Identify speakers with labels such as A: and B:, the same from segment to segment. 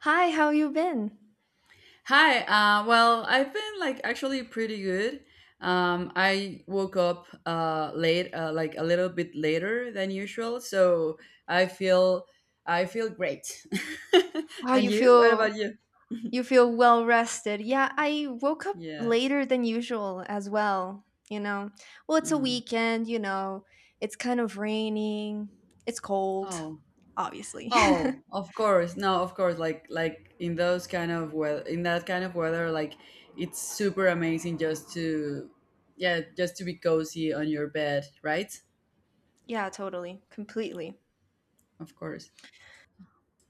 A: Hi, how you been?
B: Hi. Well, I've been like actually pretty good. I woke up late, like a little bit later than usual, so I feel I feel great.
A: Wow,
B: And
A: you
B: you? What about
A: feel
B: you?
A: you feel well rested. Yeah, I woke up
B: Yes.
A: later than usual as well, you know. Well, it's a
B: Mm.
A: weekend, you know. It's kind of raining. It's cold,
B: Oh.
A: obviously.
B: Oh, of course. No, of course. Like in that kind of weather, like it's super amazing just to, yeah, just to be cozy on your bed, right?
A: Yeah, totally. Completely.
B: Of course.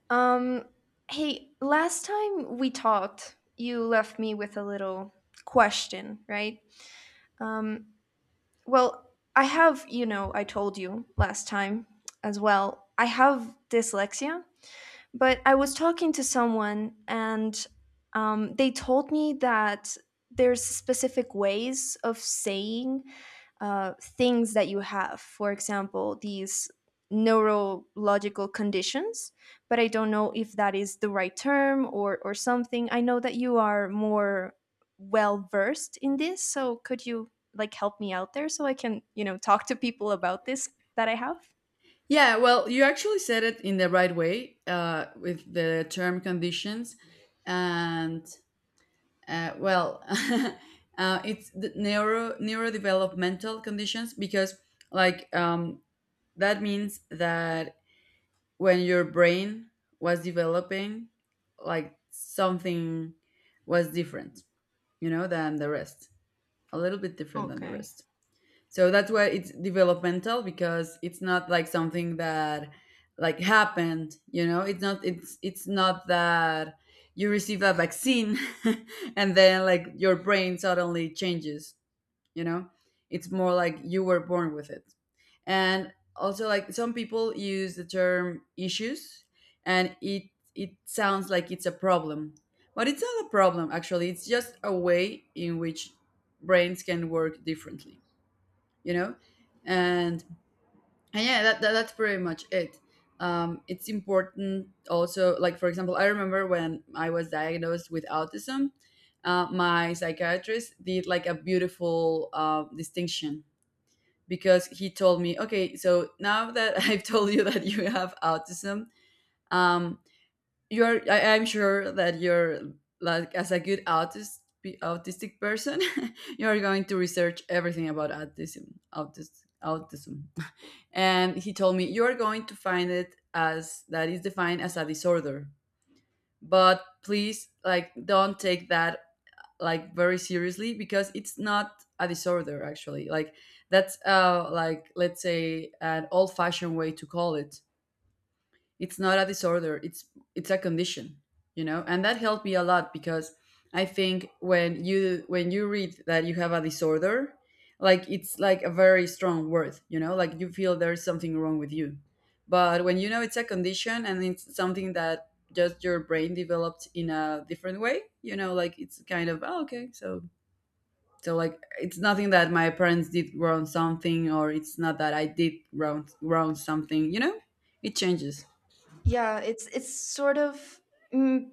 A: Um, hey, last time we talked, you left me with a little question, right? Um, well, I have, I told you last time as well. I have dyslexia. But I was talking to someone, and they told me that there's specific ways of saying things that you have. For example, these neurological conditions. But I don't know if that is the right term, or something. I know that you are more well versed in this, so could you like help me out there, so I can, talk to people about this that I have?
B: Yeah, well, you actually said it in the right way with the term conditions, and well, it's the neurodevelopmental conditions because like that means that when your brain was developing, like something was different, you know, than the rest, a little bit different than the
A: Okay.
B: rest. So that's why it's developmental, because it's not like something that like happened, you know. It's not, it's not that you receive a vaccine. And then like your brain suddenly changes, you know. It's more like you were born with it. And also like some people use the term issues, and it sounds like it's a problem, but it's not a problem actually. It's just a way in which brains can work differently, you know. And, and yeah, that that's pretty much it. It's important also, like for example, I remember when I was diagnosed with autism. My psychiatrist did like a beautiful distinction because he told me, okay, so now that I've told you that you have autism. um I'm sure that you're like, as a good autistic person, you're going to research everything about autism. And he told me, "You're going to find it as that is defined as a disorder. But please, like, don't take that like very seriously because it's not a disorder actually, like that's like, let's say, an old fashioned way to call it. It's not a disorder, it's a condition, you know." And that helped me a lot, because I think when you read that you have a disorder, like it's like a very strong word, you know, like you feel there's something wrong with you. But when you know it's a condition and it's something that just your brain developed in a different way, you know, like, it's kind of, oh, okay. So so like it's nothing that my parents did wrong something, or it's not that I did wrong something, you know. It changes.
A: Yeah, it's sort of, mm,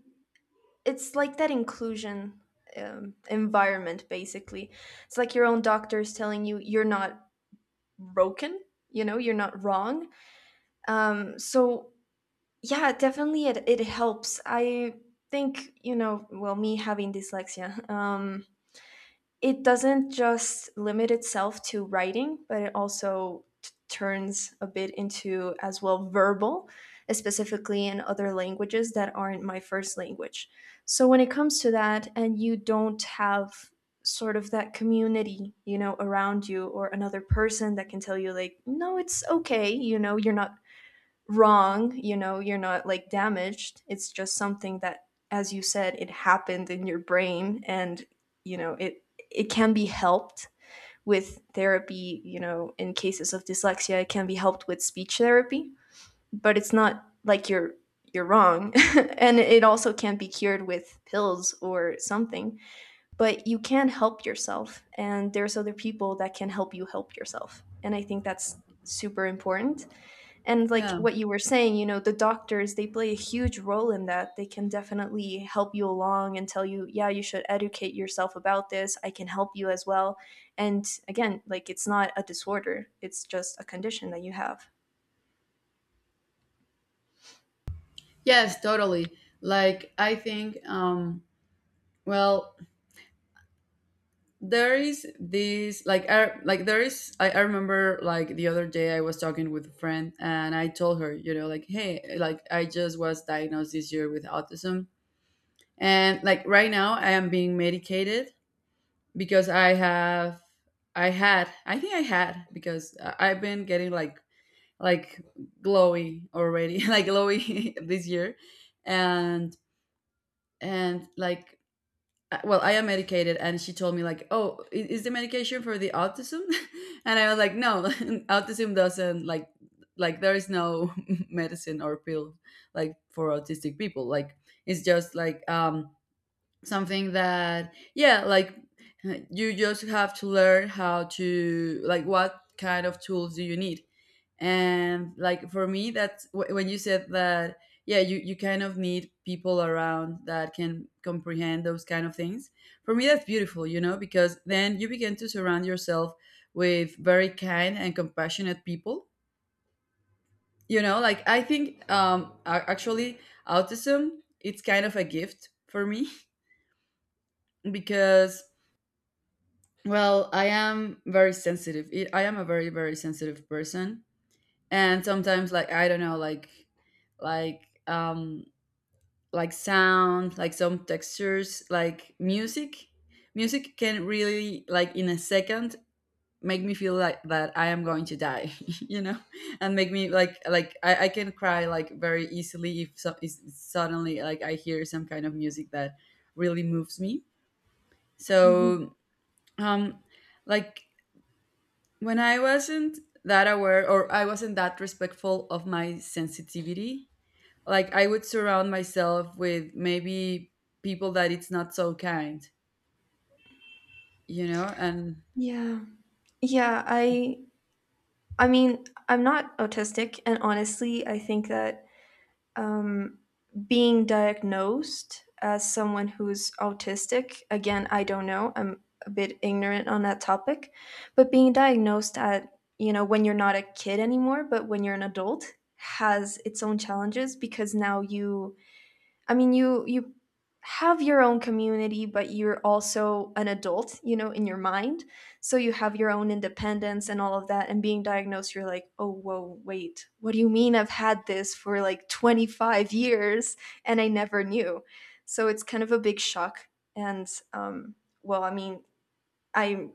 A: it's like that inclusion, environment, basically. It's like your own doctor is telling you you're not broken, you're not wrong. So yeah, definitely it helps. I think, well, me having dyslexia, it doesn't just limit itself to writing, but it also turns a bit into as well verbal, specifically in other languages that aren't my first language. So when it comes to that, and you don't have sort of that community, around you or another person that can tell you, like, no, it's okay, you're not wrong, you're not like damaged. It's just something that, as you said, it happened in your brain, and you know, it it can be helped with therapy. In cases of dyslexia, it can be helped with speech therapy, but it's not like you're wrong. And it also can't be cured with pills or something, but you can help yourself, and there's other people that can help you help yourself, and I think that's super important. And, like
B: Yeah.
A: what you were saying, the doctors, they play a huge role in that. They can definitely help you along and tell you, yeah, you should educate yourself about this, I can help you as well. And again, like, it's not a disorder, it's just a condition that you have.
B: Yes, totally. Like I think, well, there is this like like there is. I remember like the other day I was talking with a friend and I told her, you know, like, hey, like I just was diagnosed this year with autism, and like right now I am being medicated because I think I had, because I've been getting like like glowy already, like glowy this year, and and like well, I am medicated, and she told me like, oh, is the medication for the autism? And I was like, no. Autism doesn't like, there is no medicine or pill like for autistic people, like it's just like, something that, yeah, like you just have to learn how to, like, what kind of tools do you need. And like for me, that's when you said that, yeah, you kind of need people around that can comprehend those kind of things. For me that's beautiful, you know, because then you begin to surround yourself with very kind and compassionate people. You know, like I think, actually autism, it's kind of a gift for me, because, well, I am very sensitive. I am a very, very sensitive person, and sometimes like I don't know, like, like um like sound, like some textures, like music. Music can really, like, in a second make me feel like that I am going to die, you know, and make me like, like I can cry like very easily if so, is suddenly like I hear some kind of music that really moves me.
A: Mhm.
B: So, um like, when I wasn't that aware or I wasn't that respectful of my sensitivity, like I would surround myself with maybe people that it's not so kind, you know? And.
A: Yeah, yeah, I mean, I'm not autistic, and honestly, I think that, um, being diagnosed as someone who's autistic, again, I don't know, I'm a bit ignorant on that topic. But being diagnosed at, when you're not a kid anymore, but when you're an adult, has its own challenges. Because now you, I mean, you have your own community, but you're also an adult, in your mind. So you have your own independence and all of that. And being diagnosed, you're like, oh, whoa, wait, what do you mean I've had this for like 25 years and I never knew? So it's kind of a big shock. And, well, I mean, I'm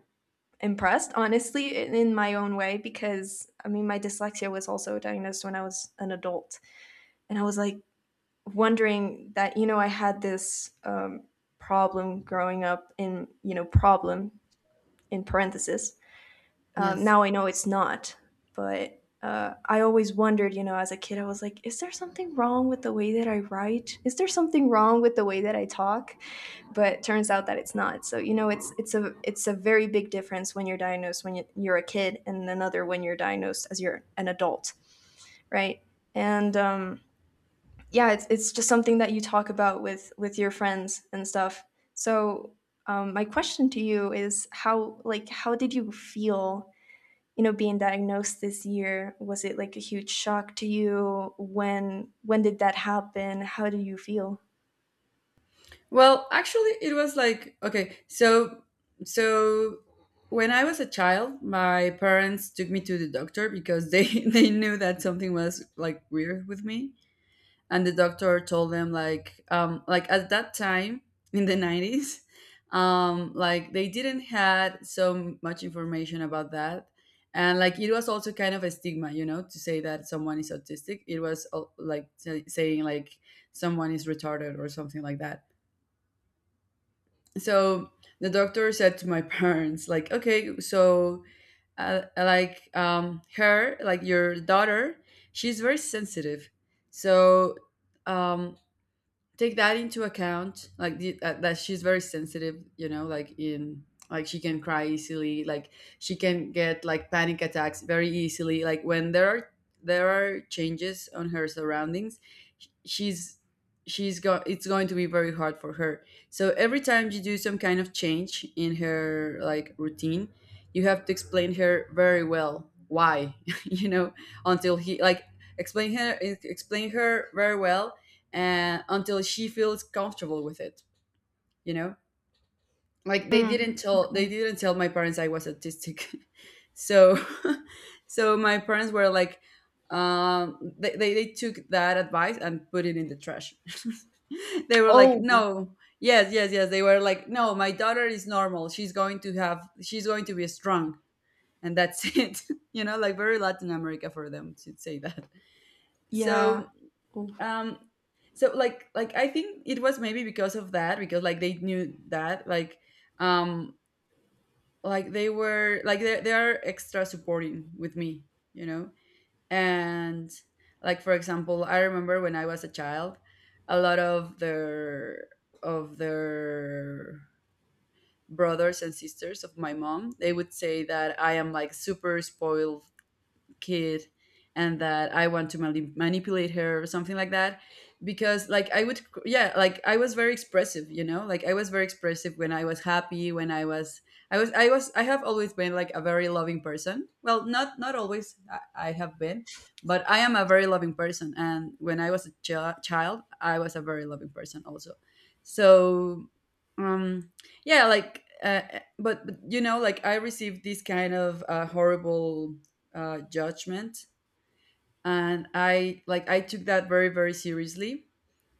A: impressed, honestly, in my own way, because I mean, my dyslexia was also diagnosed when I was an adult. And I was like, wondering that, I had this, problem growing up, in, problem in parentheses. Um,
B: Yes.
A: now I know it's not, but I always wondered, as a kid, I was like, is there something wrong with the way that I write? Is there something wrong with the way that I talk? But turns out that it's not. So, it's a very big difference when you're diagnosed when you- are a kid, and another when you're diagnosed as you're an adult, right? And, yeah, it's just something that you talk about with your friends and stuff. So, my question to you is, how, like, how did you feel, being diagnosed this year? Was it like a huge shock to you? When did that happen? How do you feel?
B: Well, actually it was like, okay, so when I was a child, my parents took me to the doctor because they they knew that something was like weird with me. And the doctor told them, like, like, at that time in the 90s, like they didn't had so much information about that. And like it was also kind of a stigma, you know, to say that someone is autistic. It was, like, saying like someone is retarded or something like that. So the doctor said to my parents, like, okay, so, like her like your daughter, she's very sensitive. So, um take that into account, like that she's very sensitive, you know, like in, like she can cry easily, like she can get like panic attacks very easily, like when there are changes on her surroundings. Sh- she's go It's going to be very hard for her. So every time you do some kind of change in her, like, routine, you have to explain her very well why, you know, until he, like, explain her very well, and until she feels comfortable with it, you know. Like they
A: Mm,
B: didn't tell they
A: okay.
B: didn't tell my parents I was autistic. So. So my parents were like, they took that advice and put it in the trash. They were like,
A: Oh,
B: no, yes, yes, yes. They were like, no, my daughter is normal, she's going to be strong. And that's it, you know, like very Latin America for them to say that. So,
A: yeah. Oh,
B: um so like, I think it was maybe because of that, because like they knew that, like, um like they were like they are extra supporting with me, you know. And like for example, I remember when I was a child, a lot of their brothers and sisters of my mom, they would say that I am like super spoiled kid, and that I want to manipulate her or something like that. Because, like, I would, yeah, like I was very expressive, you know, like I was very expressive when I was happy, when I was, I have always been like a very loving person. Well, not always, I have been, but I am a very loving person. And when I was a child, I was a very loving person also. So, um, yeah, like, you know, like I received this kind of horrible judgment, and I, like, I took that very, very seriously.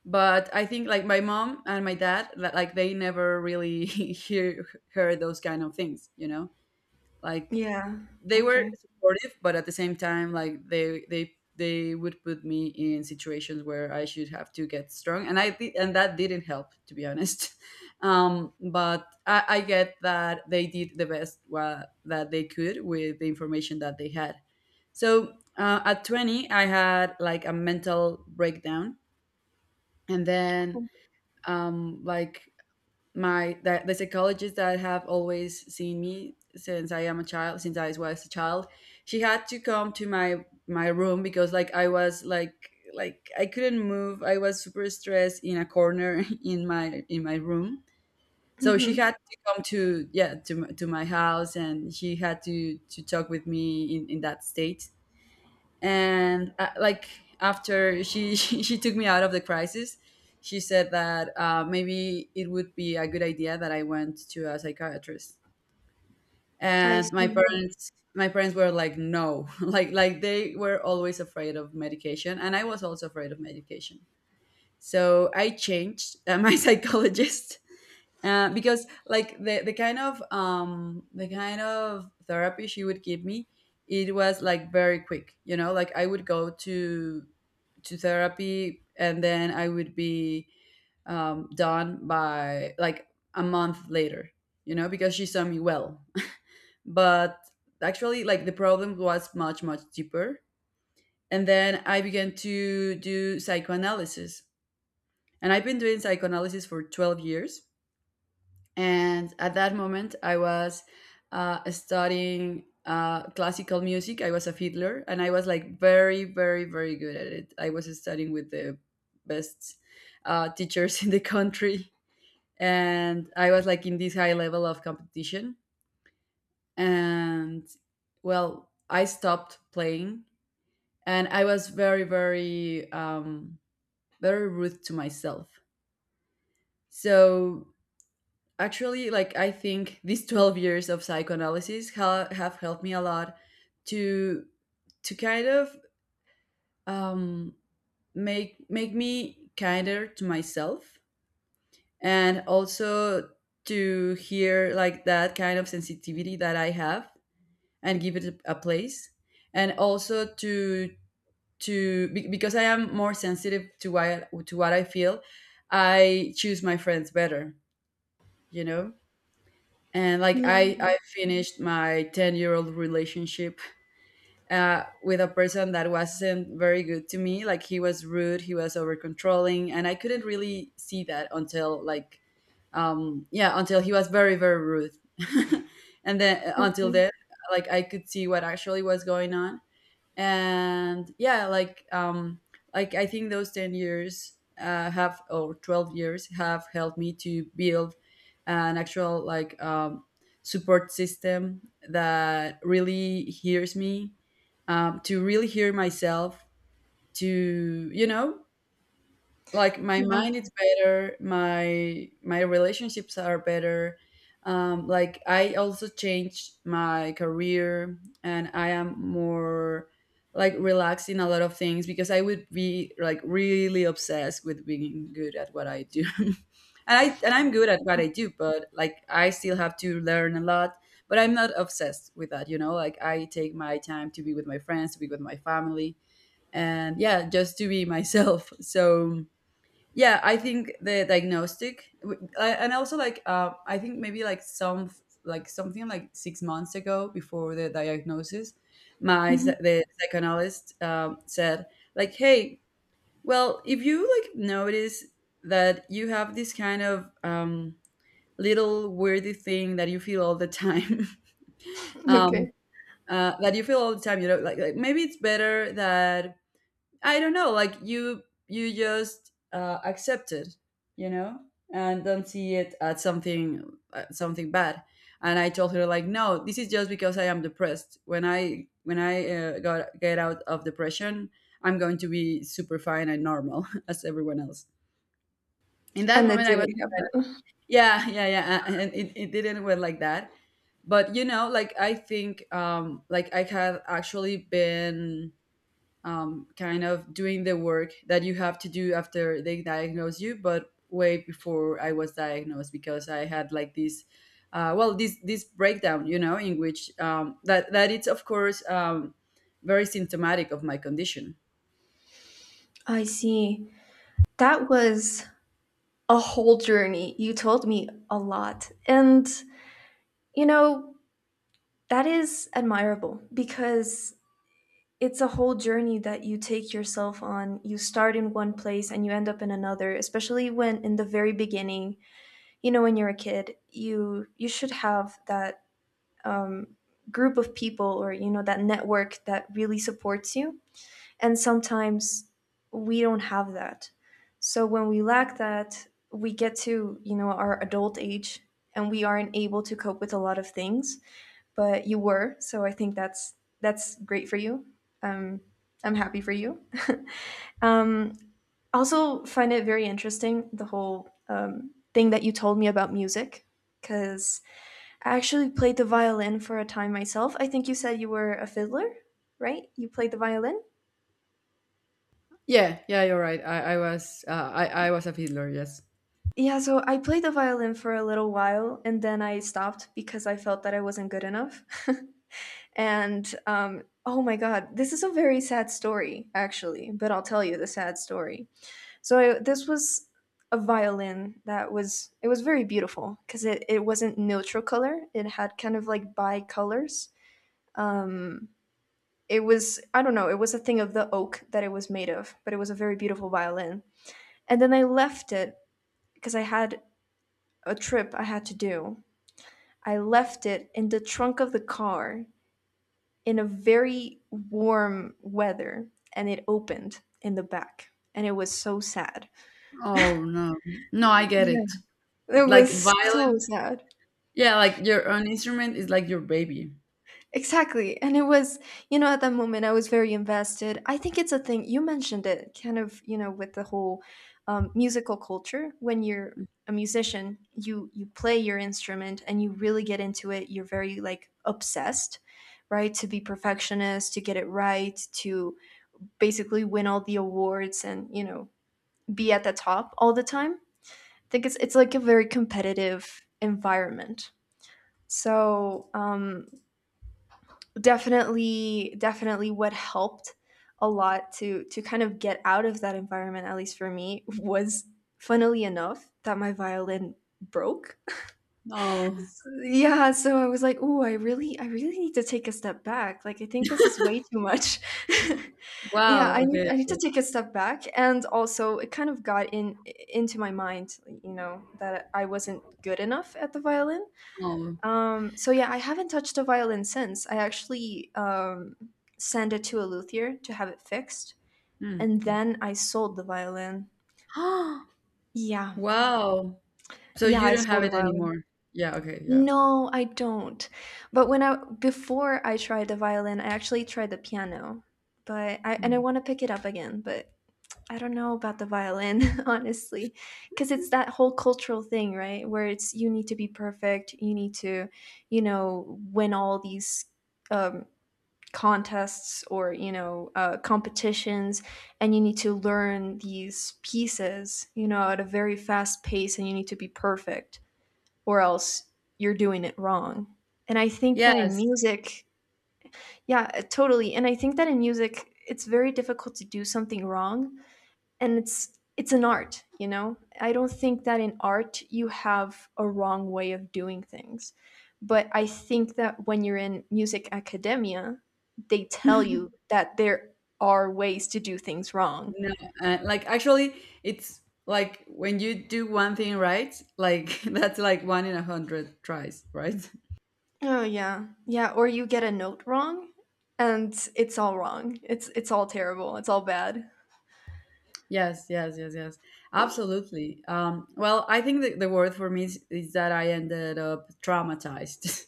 B: But I think like my mom and my dad, like they never really heard those kind of things, you know. Like
A: yeah.
B: they were
A: Okay.
B: supportive, but at the same time, like they would put me in situations where I should have to get strong, and that didn't help, to be honest. But I get that they did the best that they could with the information that they had. So at 20, I had like a mental breakdown, and then like, my the psychologist that have always seen me since I am a child, since I was a child, she had to come to my room because like I was like, I couldn't move. I was super stressed in a corner in my room. So she had
A: Mm-hmm.
B: to come to, yeah, to to my house, and she had to talk with me in that state. And like after she took me out of the crisis. She said that maybe it would be a good idea that I went to a psychiatrist.
A: I
B: And my
A: see.
B: parents my parents were like no, like they were always afraid of medication, and I was also afraid of medication. So I changed my psychologist, because like the kind of the kind of therapy she would give me, it was like very quick, you know, like I would go to therapy and then I would be done by like a month later, you know, because she saw me well. But actually, like the problem was much deeper. And then I began to do psychoanalysis, and I've been doing psychoanalysis for 12 years. And at that moment I was studying classical music. I was a fiddler, and I was like very good at it. I was studying with the best teachers in the country, and I was like in this high level of competition. And well, I stopped playing, and I was very very rude to myself. So actually, like I think these 12 years of psychoanalysis have helped me a lot to to kind of um make me kinder to myself. And also to hear like that kind of sensitivity that I have, and give it a place. And also to because I am more sensitive to what I feel, I choose my friends better, you know. And like
A: Yeah.
B: I finished my 10-year-old relationship with a person that wasn't very good to me. Like he was rude, he was over controlling, and I couldn't really see that until like yeah, until he was very rude. And then
A: Oh,
B: until then, like I could see what actually was going on. And yeah, like I think those 10 years have or 12 years have helped me to build an actual like support system that really hears me. To really hear myself. To you know, like my
A: yeah.
B: mind is better, my relationships are better. Like I also changed my career, and I am more like relaxed in a lot of things, because I would be like really obsessed with being good at what I do. And I'm good at what I do, but like I still have to learn a lot, but I'm not obsessed with that, you know. Like I take my time to be with my friends, to be with my family, and yeah, just to be myself. So yeah, I think the and also like I think maybe like some like something like 6 months ago, before the diagnosis, my
A: hmm
B: the psychoanalyst said like hey, well, if you like notice that you have this kind of little weirdy thing that you feel all the time, um,
A: Okay.
B: that you feel all the time, you know, like maybe it's better that I don't know, like you just accept it, you know, and don't see it as something something bad. And I told her like, no, this is just because I am depressed. When I got get out of depression, I'm going to be super fine and normal as everyone else. In that
A: And it
B: moment, I was like,
A: didn't happen.
B: and it didn't went like that. But you know, like I think like I had actually been kind of doing the work that you have to do after they diagnose you, but way before I was diagnosed, because I had like this, well, this breakdown, you know, in which that it's of course very symptomatic of my condition.
A: I see. That was a whole journey. You told me a lot. And, you know, that is admirable because it's a whole journey that you take yourself on. You start in one place and you end up in another, especially when in the very beginning, when you're a kid, you should have that, um, group of people, or, that network that really supports you. And sometimes we don't have that. So when we lack that, we get to, our adult age, and we aren't able to cope with a lot of things, but you were. So I think that's great for you. Um I'm happy for you. um also find it very interesting, the whole thing that you told me about music, cuz I actually played the violin for a time myself. I think you said you were a fiddler, right? You played the violin?
B: Yeah, yeah, you're right. I was a fiddler. Yes.
A: Yeah, so I played the violin for a little while, and then I stopped because I felt that I wasn't good enough. And, oh my God, this is a very sad story, actually, but I'll tell you the sad story. So, this was a violin that was, it was very beautiful, because it wasn't neutral color, it had kind of like bi colors. Um, it was, I don't know, it was a thing of the oak that it was made of, but it was a very beautiful violin. And then I left it because I had a trip I had to do. I left it in the trunk of the car, in a very warm weather, and it opened in the back, and it was so sad.
B: Oh no, no, I get it.
A: Yeah. It
B: Like
A: was so
B: violent.
A: sad.
B: Yeah, like your own instrument is like your baby.
A: Exactly. And it was, at that moment I was very invested. I think it's a thing, you mentioned it kind of, with the whole musical culture. When you're a musician, you play your instrument, and you really get into it. You're very like obsessed, right? To be perfectionist, to get it right, to basically win all the awards, and, be at the top all the time. I think it's like a very competitive environment. So, definitely, definitely, what helped a lot to kind of get out of that environment, at least for me, was, funnily enough, that my violin broke.
B: Oh
A: Yeah, so I was like, "Oh, I really need to take a step back. Like, I think this is way too much." Yeah,
B: wow.
A: I need
B: Okay.
A: I need to
B: Okay.
A: take a step back. And also, it kind of got in into my mind, that I wasn't good enough at the violin.
B: Oh.
A: So yeah, I haven't touched a violin since. I actually, sent it to a luthier to have it fixed,
B: Hmm,
A: and
B: cool.
A: then I sold the violin. Yeah.
B: Wow. So
A: Yeah,
B: you
A: I
B: don't have
A: sold the
B: it
A: violin.
B: anymore. Yeah, okay, yeah.
A: No, I don't. But when I before I tried the violin, I actually tried the piano. But I
B: Mm.
A: want to pick it up again, but I don't know about the violin, honestly, because it's that whole cultural thing, right? Where it's, you need to be perfect, you need to, win all these, um, contests, or, competitions, and you need to learn these pieces, at a very fast pace, and you need to be perfect, or else you're doing it wrong. And I think that in
B: Yes.
A: music, yeah, totally. And I think that in music, it's very difficult to do something wrong, and it's an art, you know? I don't think that in art you have a wrong way of doing things. But I think that when you're in music academia, they tell you that there are ways to do things wrong.
B: No, like actually it's like when you do one thing right, like that's like 1 in 100 tries, right?
A: Oh, yeah. Yeah, or you get a note wrong, and it's all wrong. It's all terrible. It's all bad.
B: Yes, yes, yes, yes. Absolutely. Well, I think the word for me is that I ended up traumatized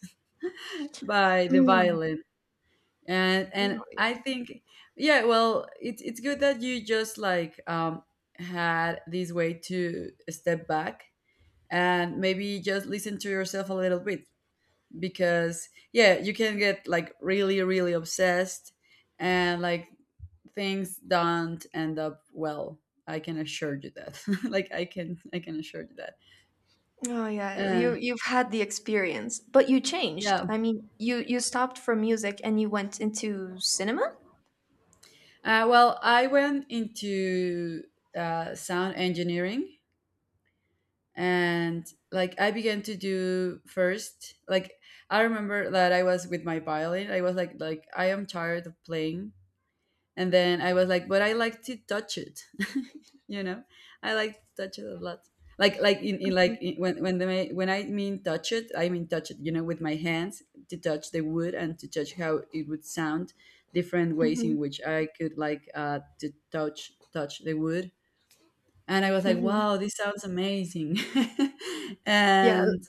B: by the
A: Mm.
B: violence. and and
A: Oh,
B: i think yeah, well, it's good that you just like had this way to step back and maybe just listen to yourself a little bit. Because yeah, you can get like really obsessed, and like things don't end up well, I can assure you that. Like I can assure you that.
A: oh, yeah,
B: uh,
A: you've had the experience, but you
B: yeah.
A: changed. I mean, you stopped from music and you went into cinema.
B: Well, I went into sound engineering. And like I began to do first like, I remember that I was with my violin. I was like I am tired of playing, and then I was like but I like to touch it. You know, I like to touch it a lot. Like in like in, when the, when I mean touch it, I mean touch it, you know, with my hands. To touch the wood, and to touch how it would sound different ways
A: Mm-hmm.
B: in which I could like to touch the wood. And I was like, wow,
A: Mm-hmm.
B: this sounds amazing.
A: Yeah,
B: And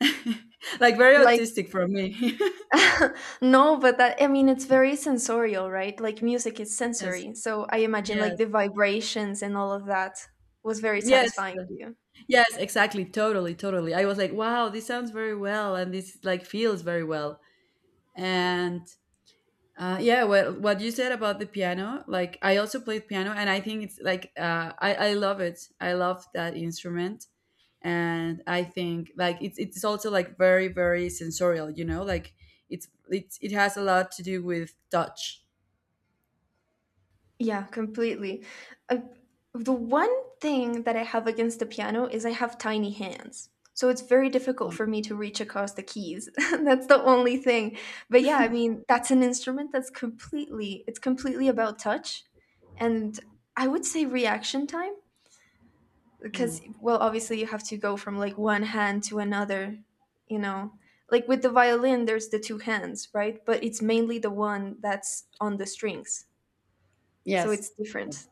B: like very
A: like,
B: autistic for me.
A: no, but that, I mean, it's very sensorial, right? Like music is
B: Yes.
A: sensory, so I imagine like
B: Yes.
A: the vibrations, and all of that was very
B: Yes.
A: satisfying to you.
B: Yes, exactly. Totally, totally. I was like, wow, this sounds very well, and this like feels very well. And yeah, well, what you said about the piano, like I also played piano, and I think it's like I love it. I love that instrument. And I think like it's also like very sensorial, you know, like it has a lot to do with touch.
A: Yeah, completely. Uh, the one thing that I have against the piano is I have tiny hands. So it's very difficult
B: Mm.
A: for me to reach across the keys. That's the only thing. But yeah, I mean, that's an instrument that's completely about touch, and I would say reaction time,
B: Hmm.
A: because, well, obviously, you have to go from like one hand to another, you know. Like, with the violin there's the two hands, right? But it's mainly the one that's on the strings. So
B: Yes.
A: it's
B: Yes.
A: different.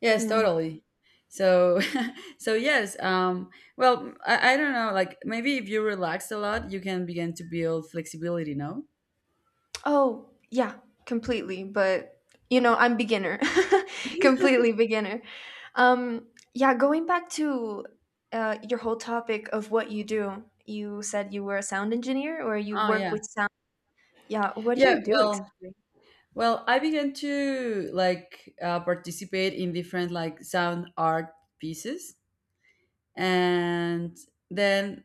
B: Yes,
A: Mm.
B: totally. So, so yes. Well, I don't know. Like maybe if you relax a lot, you can begin to build flexibility. No.
A: Oh, yeah, completely. But, I'm beginner, completely beginner. Um, yeah, going back to, your whole topic of what you do. You said you were a sound engineer, or you
B: Oh
A: work
B: yeah,
A: with sound. Yeah, what do
B: yeah.
A: you do
B: Well,
A: exactly?
B: well, I began to like participate in different like sound art pieces. And then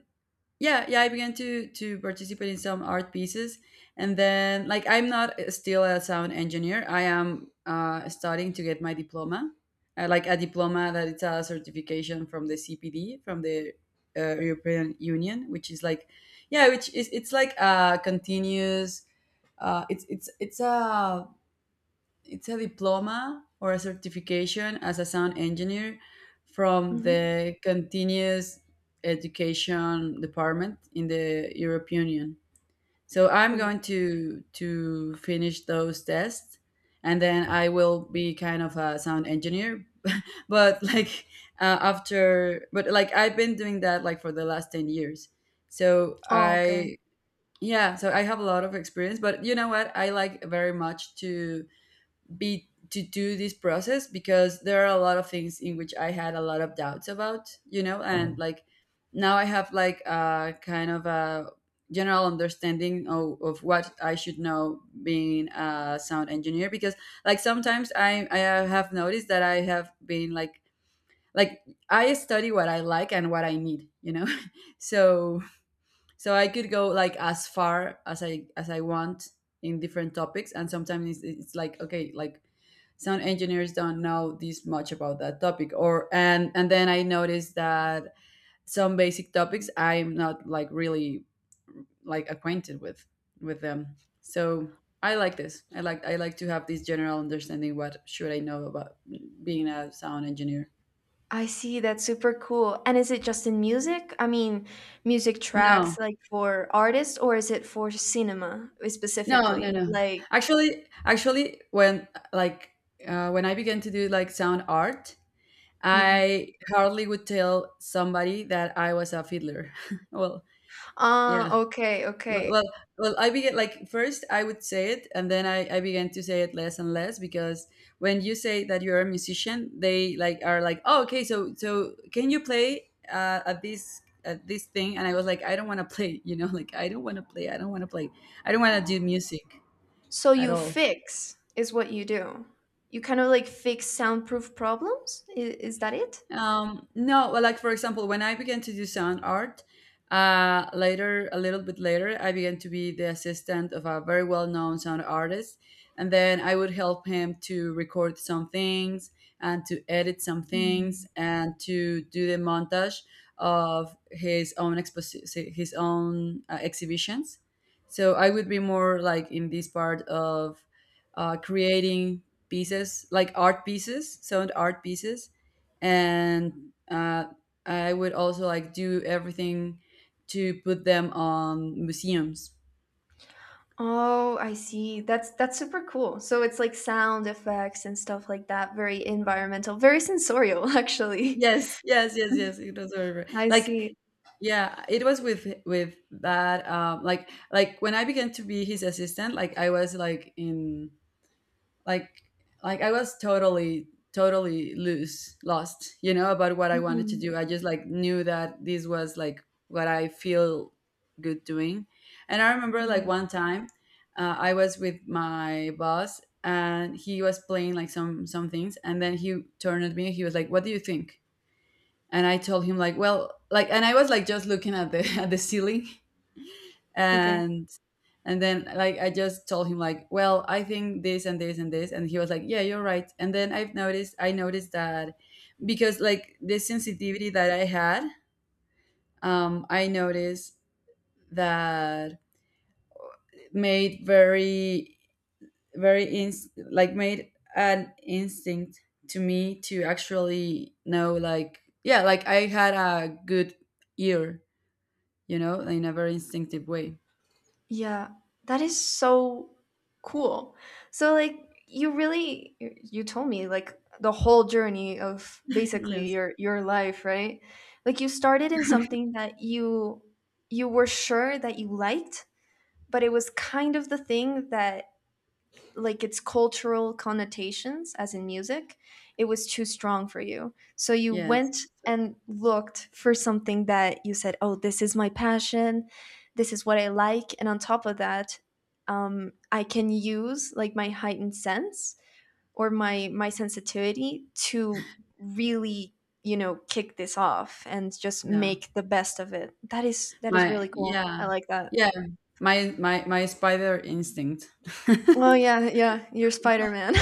B: yeah, yeah, I began to participate in some art pieces. And then like I'm not still a sound engineer. I am starting to get my diploma, like a diploma that it's a certification from the CPD, from the European Union, which is like yeah, which is it's like a continuous. It's a it's a diploma or a certification as a sound engineer from
A: Mm-hmm.
B: the continuous education department in the European Union. So I'm going to finish those tests, and then I will be kind of a sound engineer. But like after, but like I've been doing that like for the last 10 years. So
A: Oh, okay.
B: I yeah, so I have a lot of experience. But you know what? I like very much to be to do this process, because there are a lot of things in which I had a lot of doubts about, you know. And like now I have like a kind of a general understanding of what I should know being a sound engineer. Because like sometimes I have noticed that I have been like I study what I like and what I need, you know. So so I could go like as far as I want in different topics. And sometimes it's like okay, like sound engineers don't know this much about that topic, or and then I noticed that some basic topics I'm not like really like acquainted with them. So I like this, I like to have this general understanding: what should I know about being a sound engineer?
A: I see. That's super cool. And is it just in music? I mean, music tracks
B: No.
A: like for artists, or is it for cinema
B: No, no,
A: specifically?
B: no.
A: Like,
B: Actually, actually, when like when I began to do like sound art,
A: yeah.
B: I hardly would tell somebody that I was a fiddler. Well,
A: Ah,
B: yeah.
A: okay,
B: Well, well,
A: okay.
B: well, I began like first I would say it, and then I began to say it less and less, because when you say that you're a musician, they like are like, oh, okay, so so can you play at this thing? And I was like, I don't want to play, you know, like I don't want to play, I don't want to play, I don't want to do music
A: So
B: at
A: you
B: all.
A: fix is what you do. You kind of like fix soundproof problems. Is that it?
B: No, well, like for example, when I began to do sound art, later, a little bit later, I began to be the assistant of a very well-known sound artist. And then I would help him to record some things, and to edit some things,
A: Hmm.
B: and to do the montage of his own exhibitions. So I would be more like in this part of creating pieces, like art pieces, sound art pieces. And I would also like do everything to put them on museums.
A: Oh, I see. That's super cool. So it's like sound effects and stuff like that, very environmental, very sensorial, actually.
B: Yes, yes, yes, yes. It was
A: I
B: like
A: see.
B: yeah, it was with that like when I began to be his assistant, like I was like in like like I was totally loose lost, you know, about what I wanted to do.
A: Mhm.
B: I just like knew that this was like what I feel good doing. And I remember like
A: Mm.
B: one time I was with my boss and he was playing like some things, and then he turned at me, he was like what do you think. And I told him like, well, like, and I was like just looking at the at the ceiling.
A: Okay.
B: and and then like I just told him like, well, I think this and this and this, and he was like, yeah, you're right. And then I noticed that because like the sensitivity that I had, I noticed that made like made an instinct to me to actually know like yeah, like I had a good ear, you know, in a very instinctive way.
A: Yeah, that is so cool. So, like, you really, you told me like the whole journey of basically
B: Yes.
A: your life, right? Like, you started in something that you were sure that you liked, but it was kind of the thing that, like, its cultural connotations, as in music, it was too strong for you, so you
B: Yes.
A: went and looked for something that you said, oh, this is my passion, this is what I like. And on top of that, I can use like my heightened sense, or my sensitivity to really, kick this off, and just
B: Yeah.
A: make the best of it. That is
B: My
A: really cool,
B: yeah.
A: I like that.
B: Yeah. My spider instinct.
A: Oh, yeah, yeah, you're Spider-Man.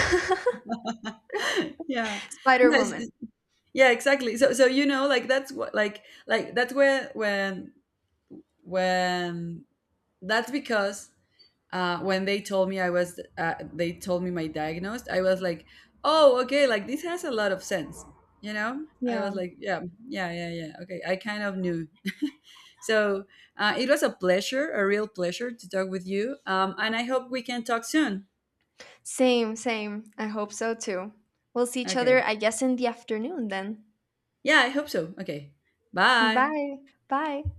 B: Yeah. Yes.
A: Spider-Woman.
B: Yeah, exactly. So so you know like that's what that's where when that's because when they told me I was, they told me my diagnosis, I was like, oh, okay, like this has a lot of sense, you know? I was
A: Yeah.
B: like, yeah, okay. I kind of knew. So it was a pleasure, a real pleasure to talk with you. And I hope we can talk soon.
A: Same, same. I hope so too. We'll see each other,
B: Okay.
A: I guess, in the afternoon then.
B: Yeah, I hope so. Okay. Bye.
A: Bye. Bye.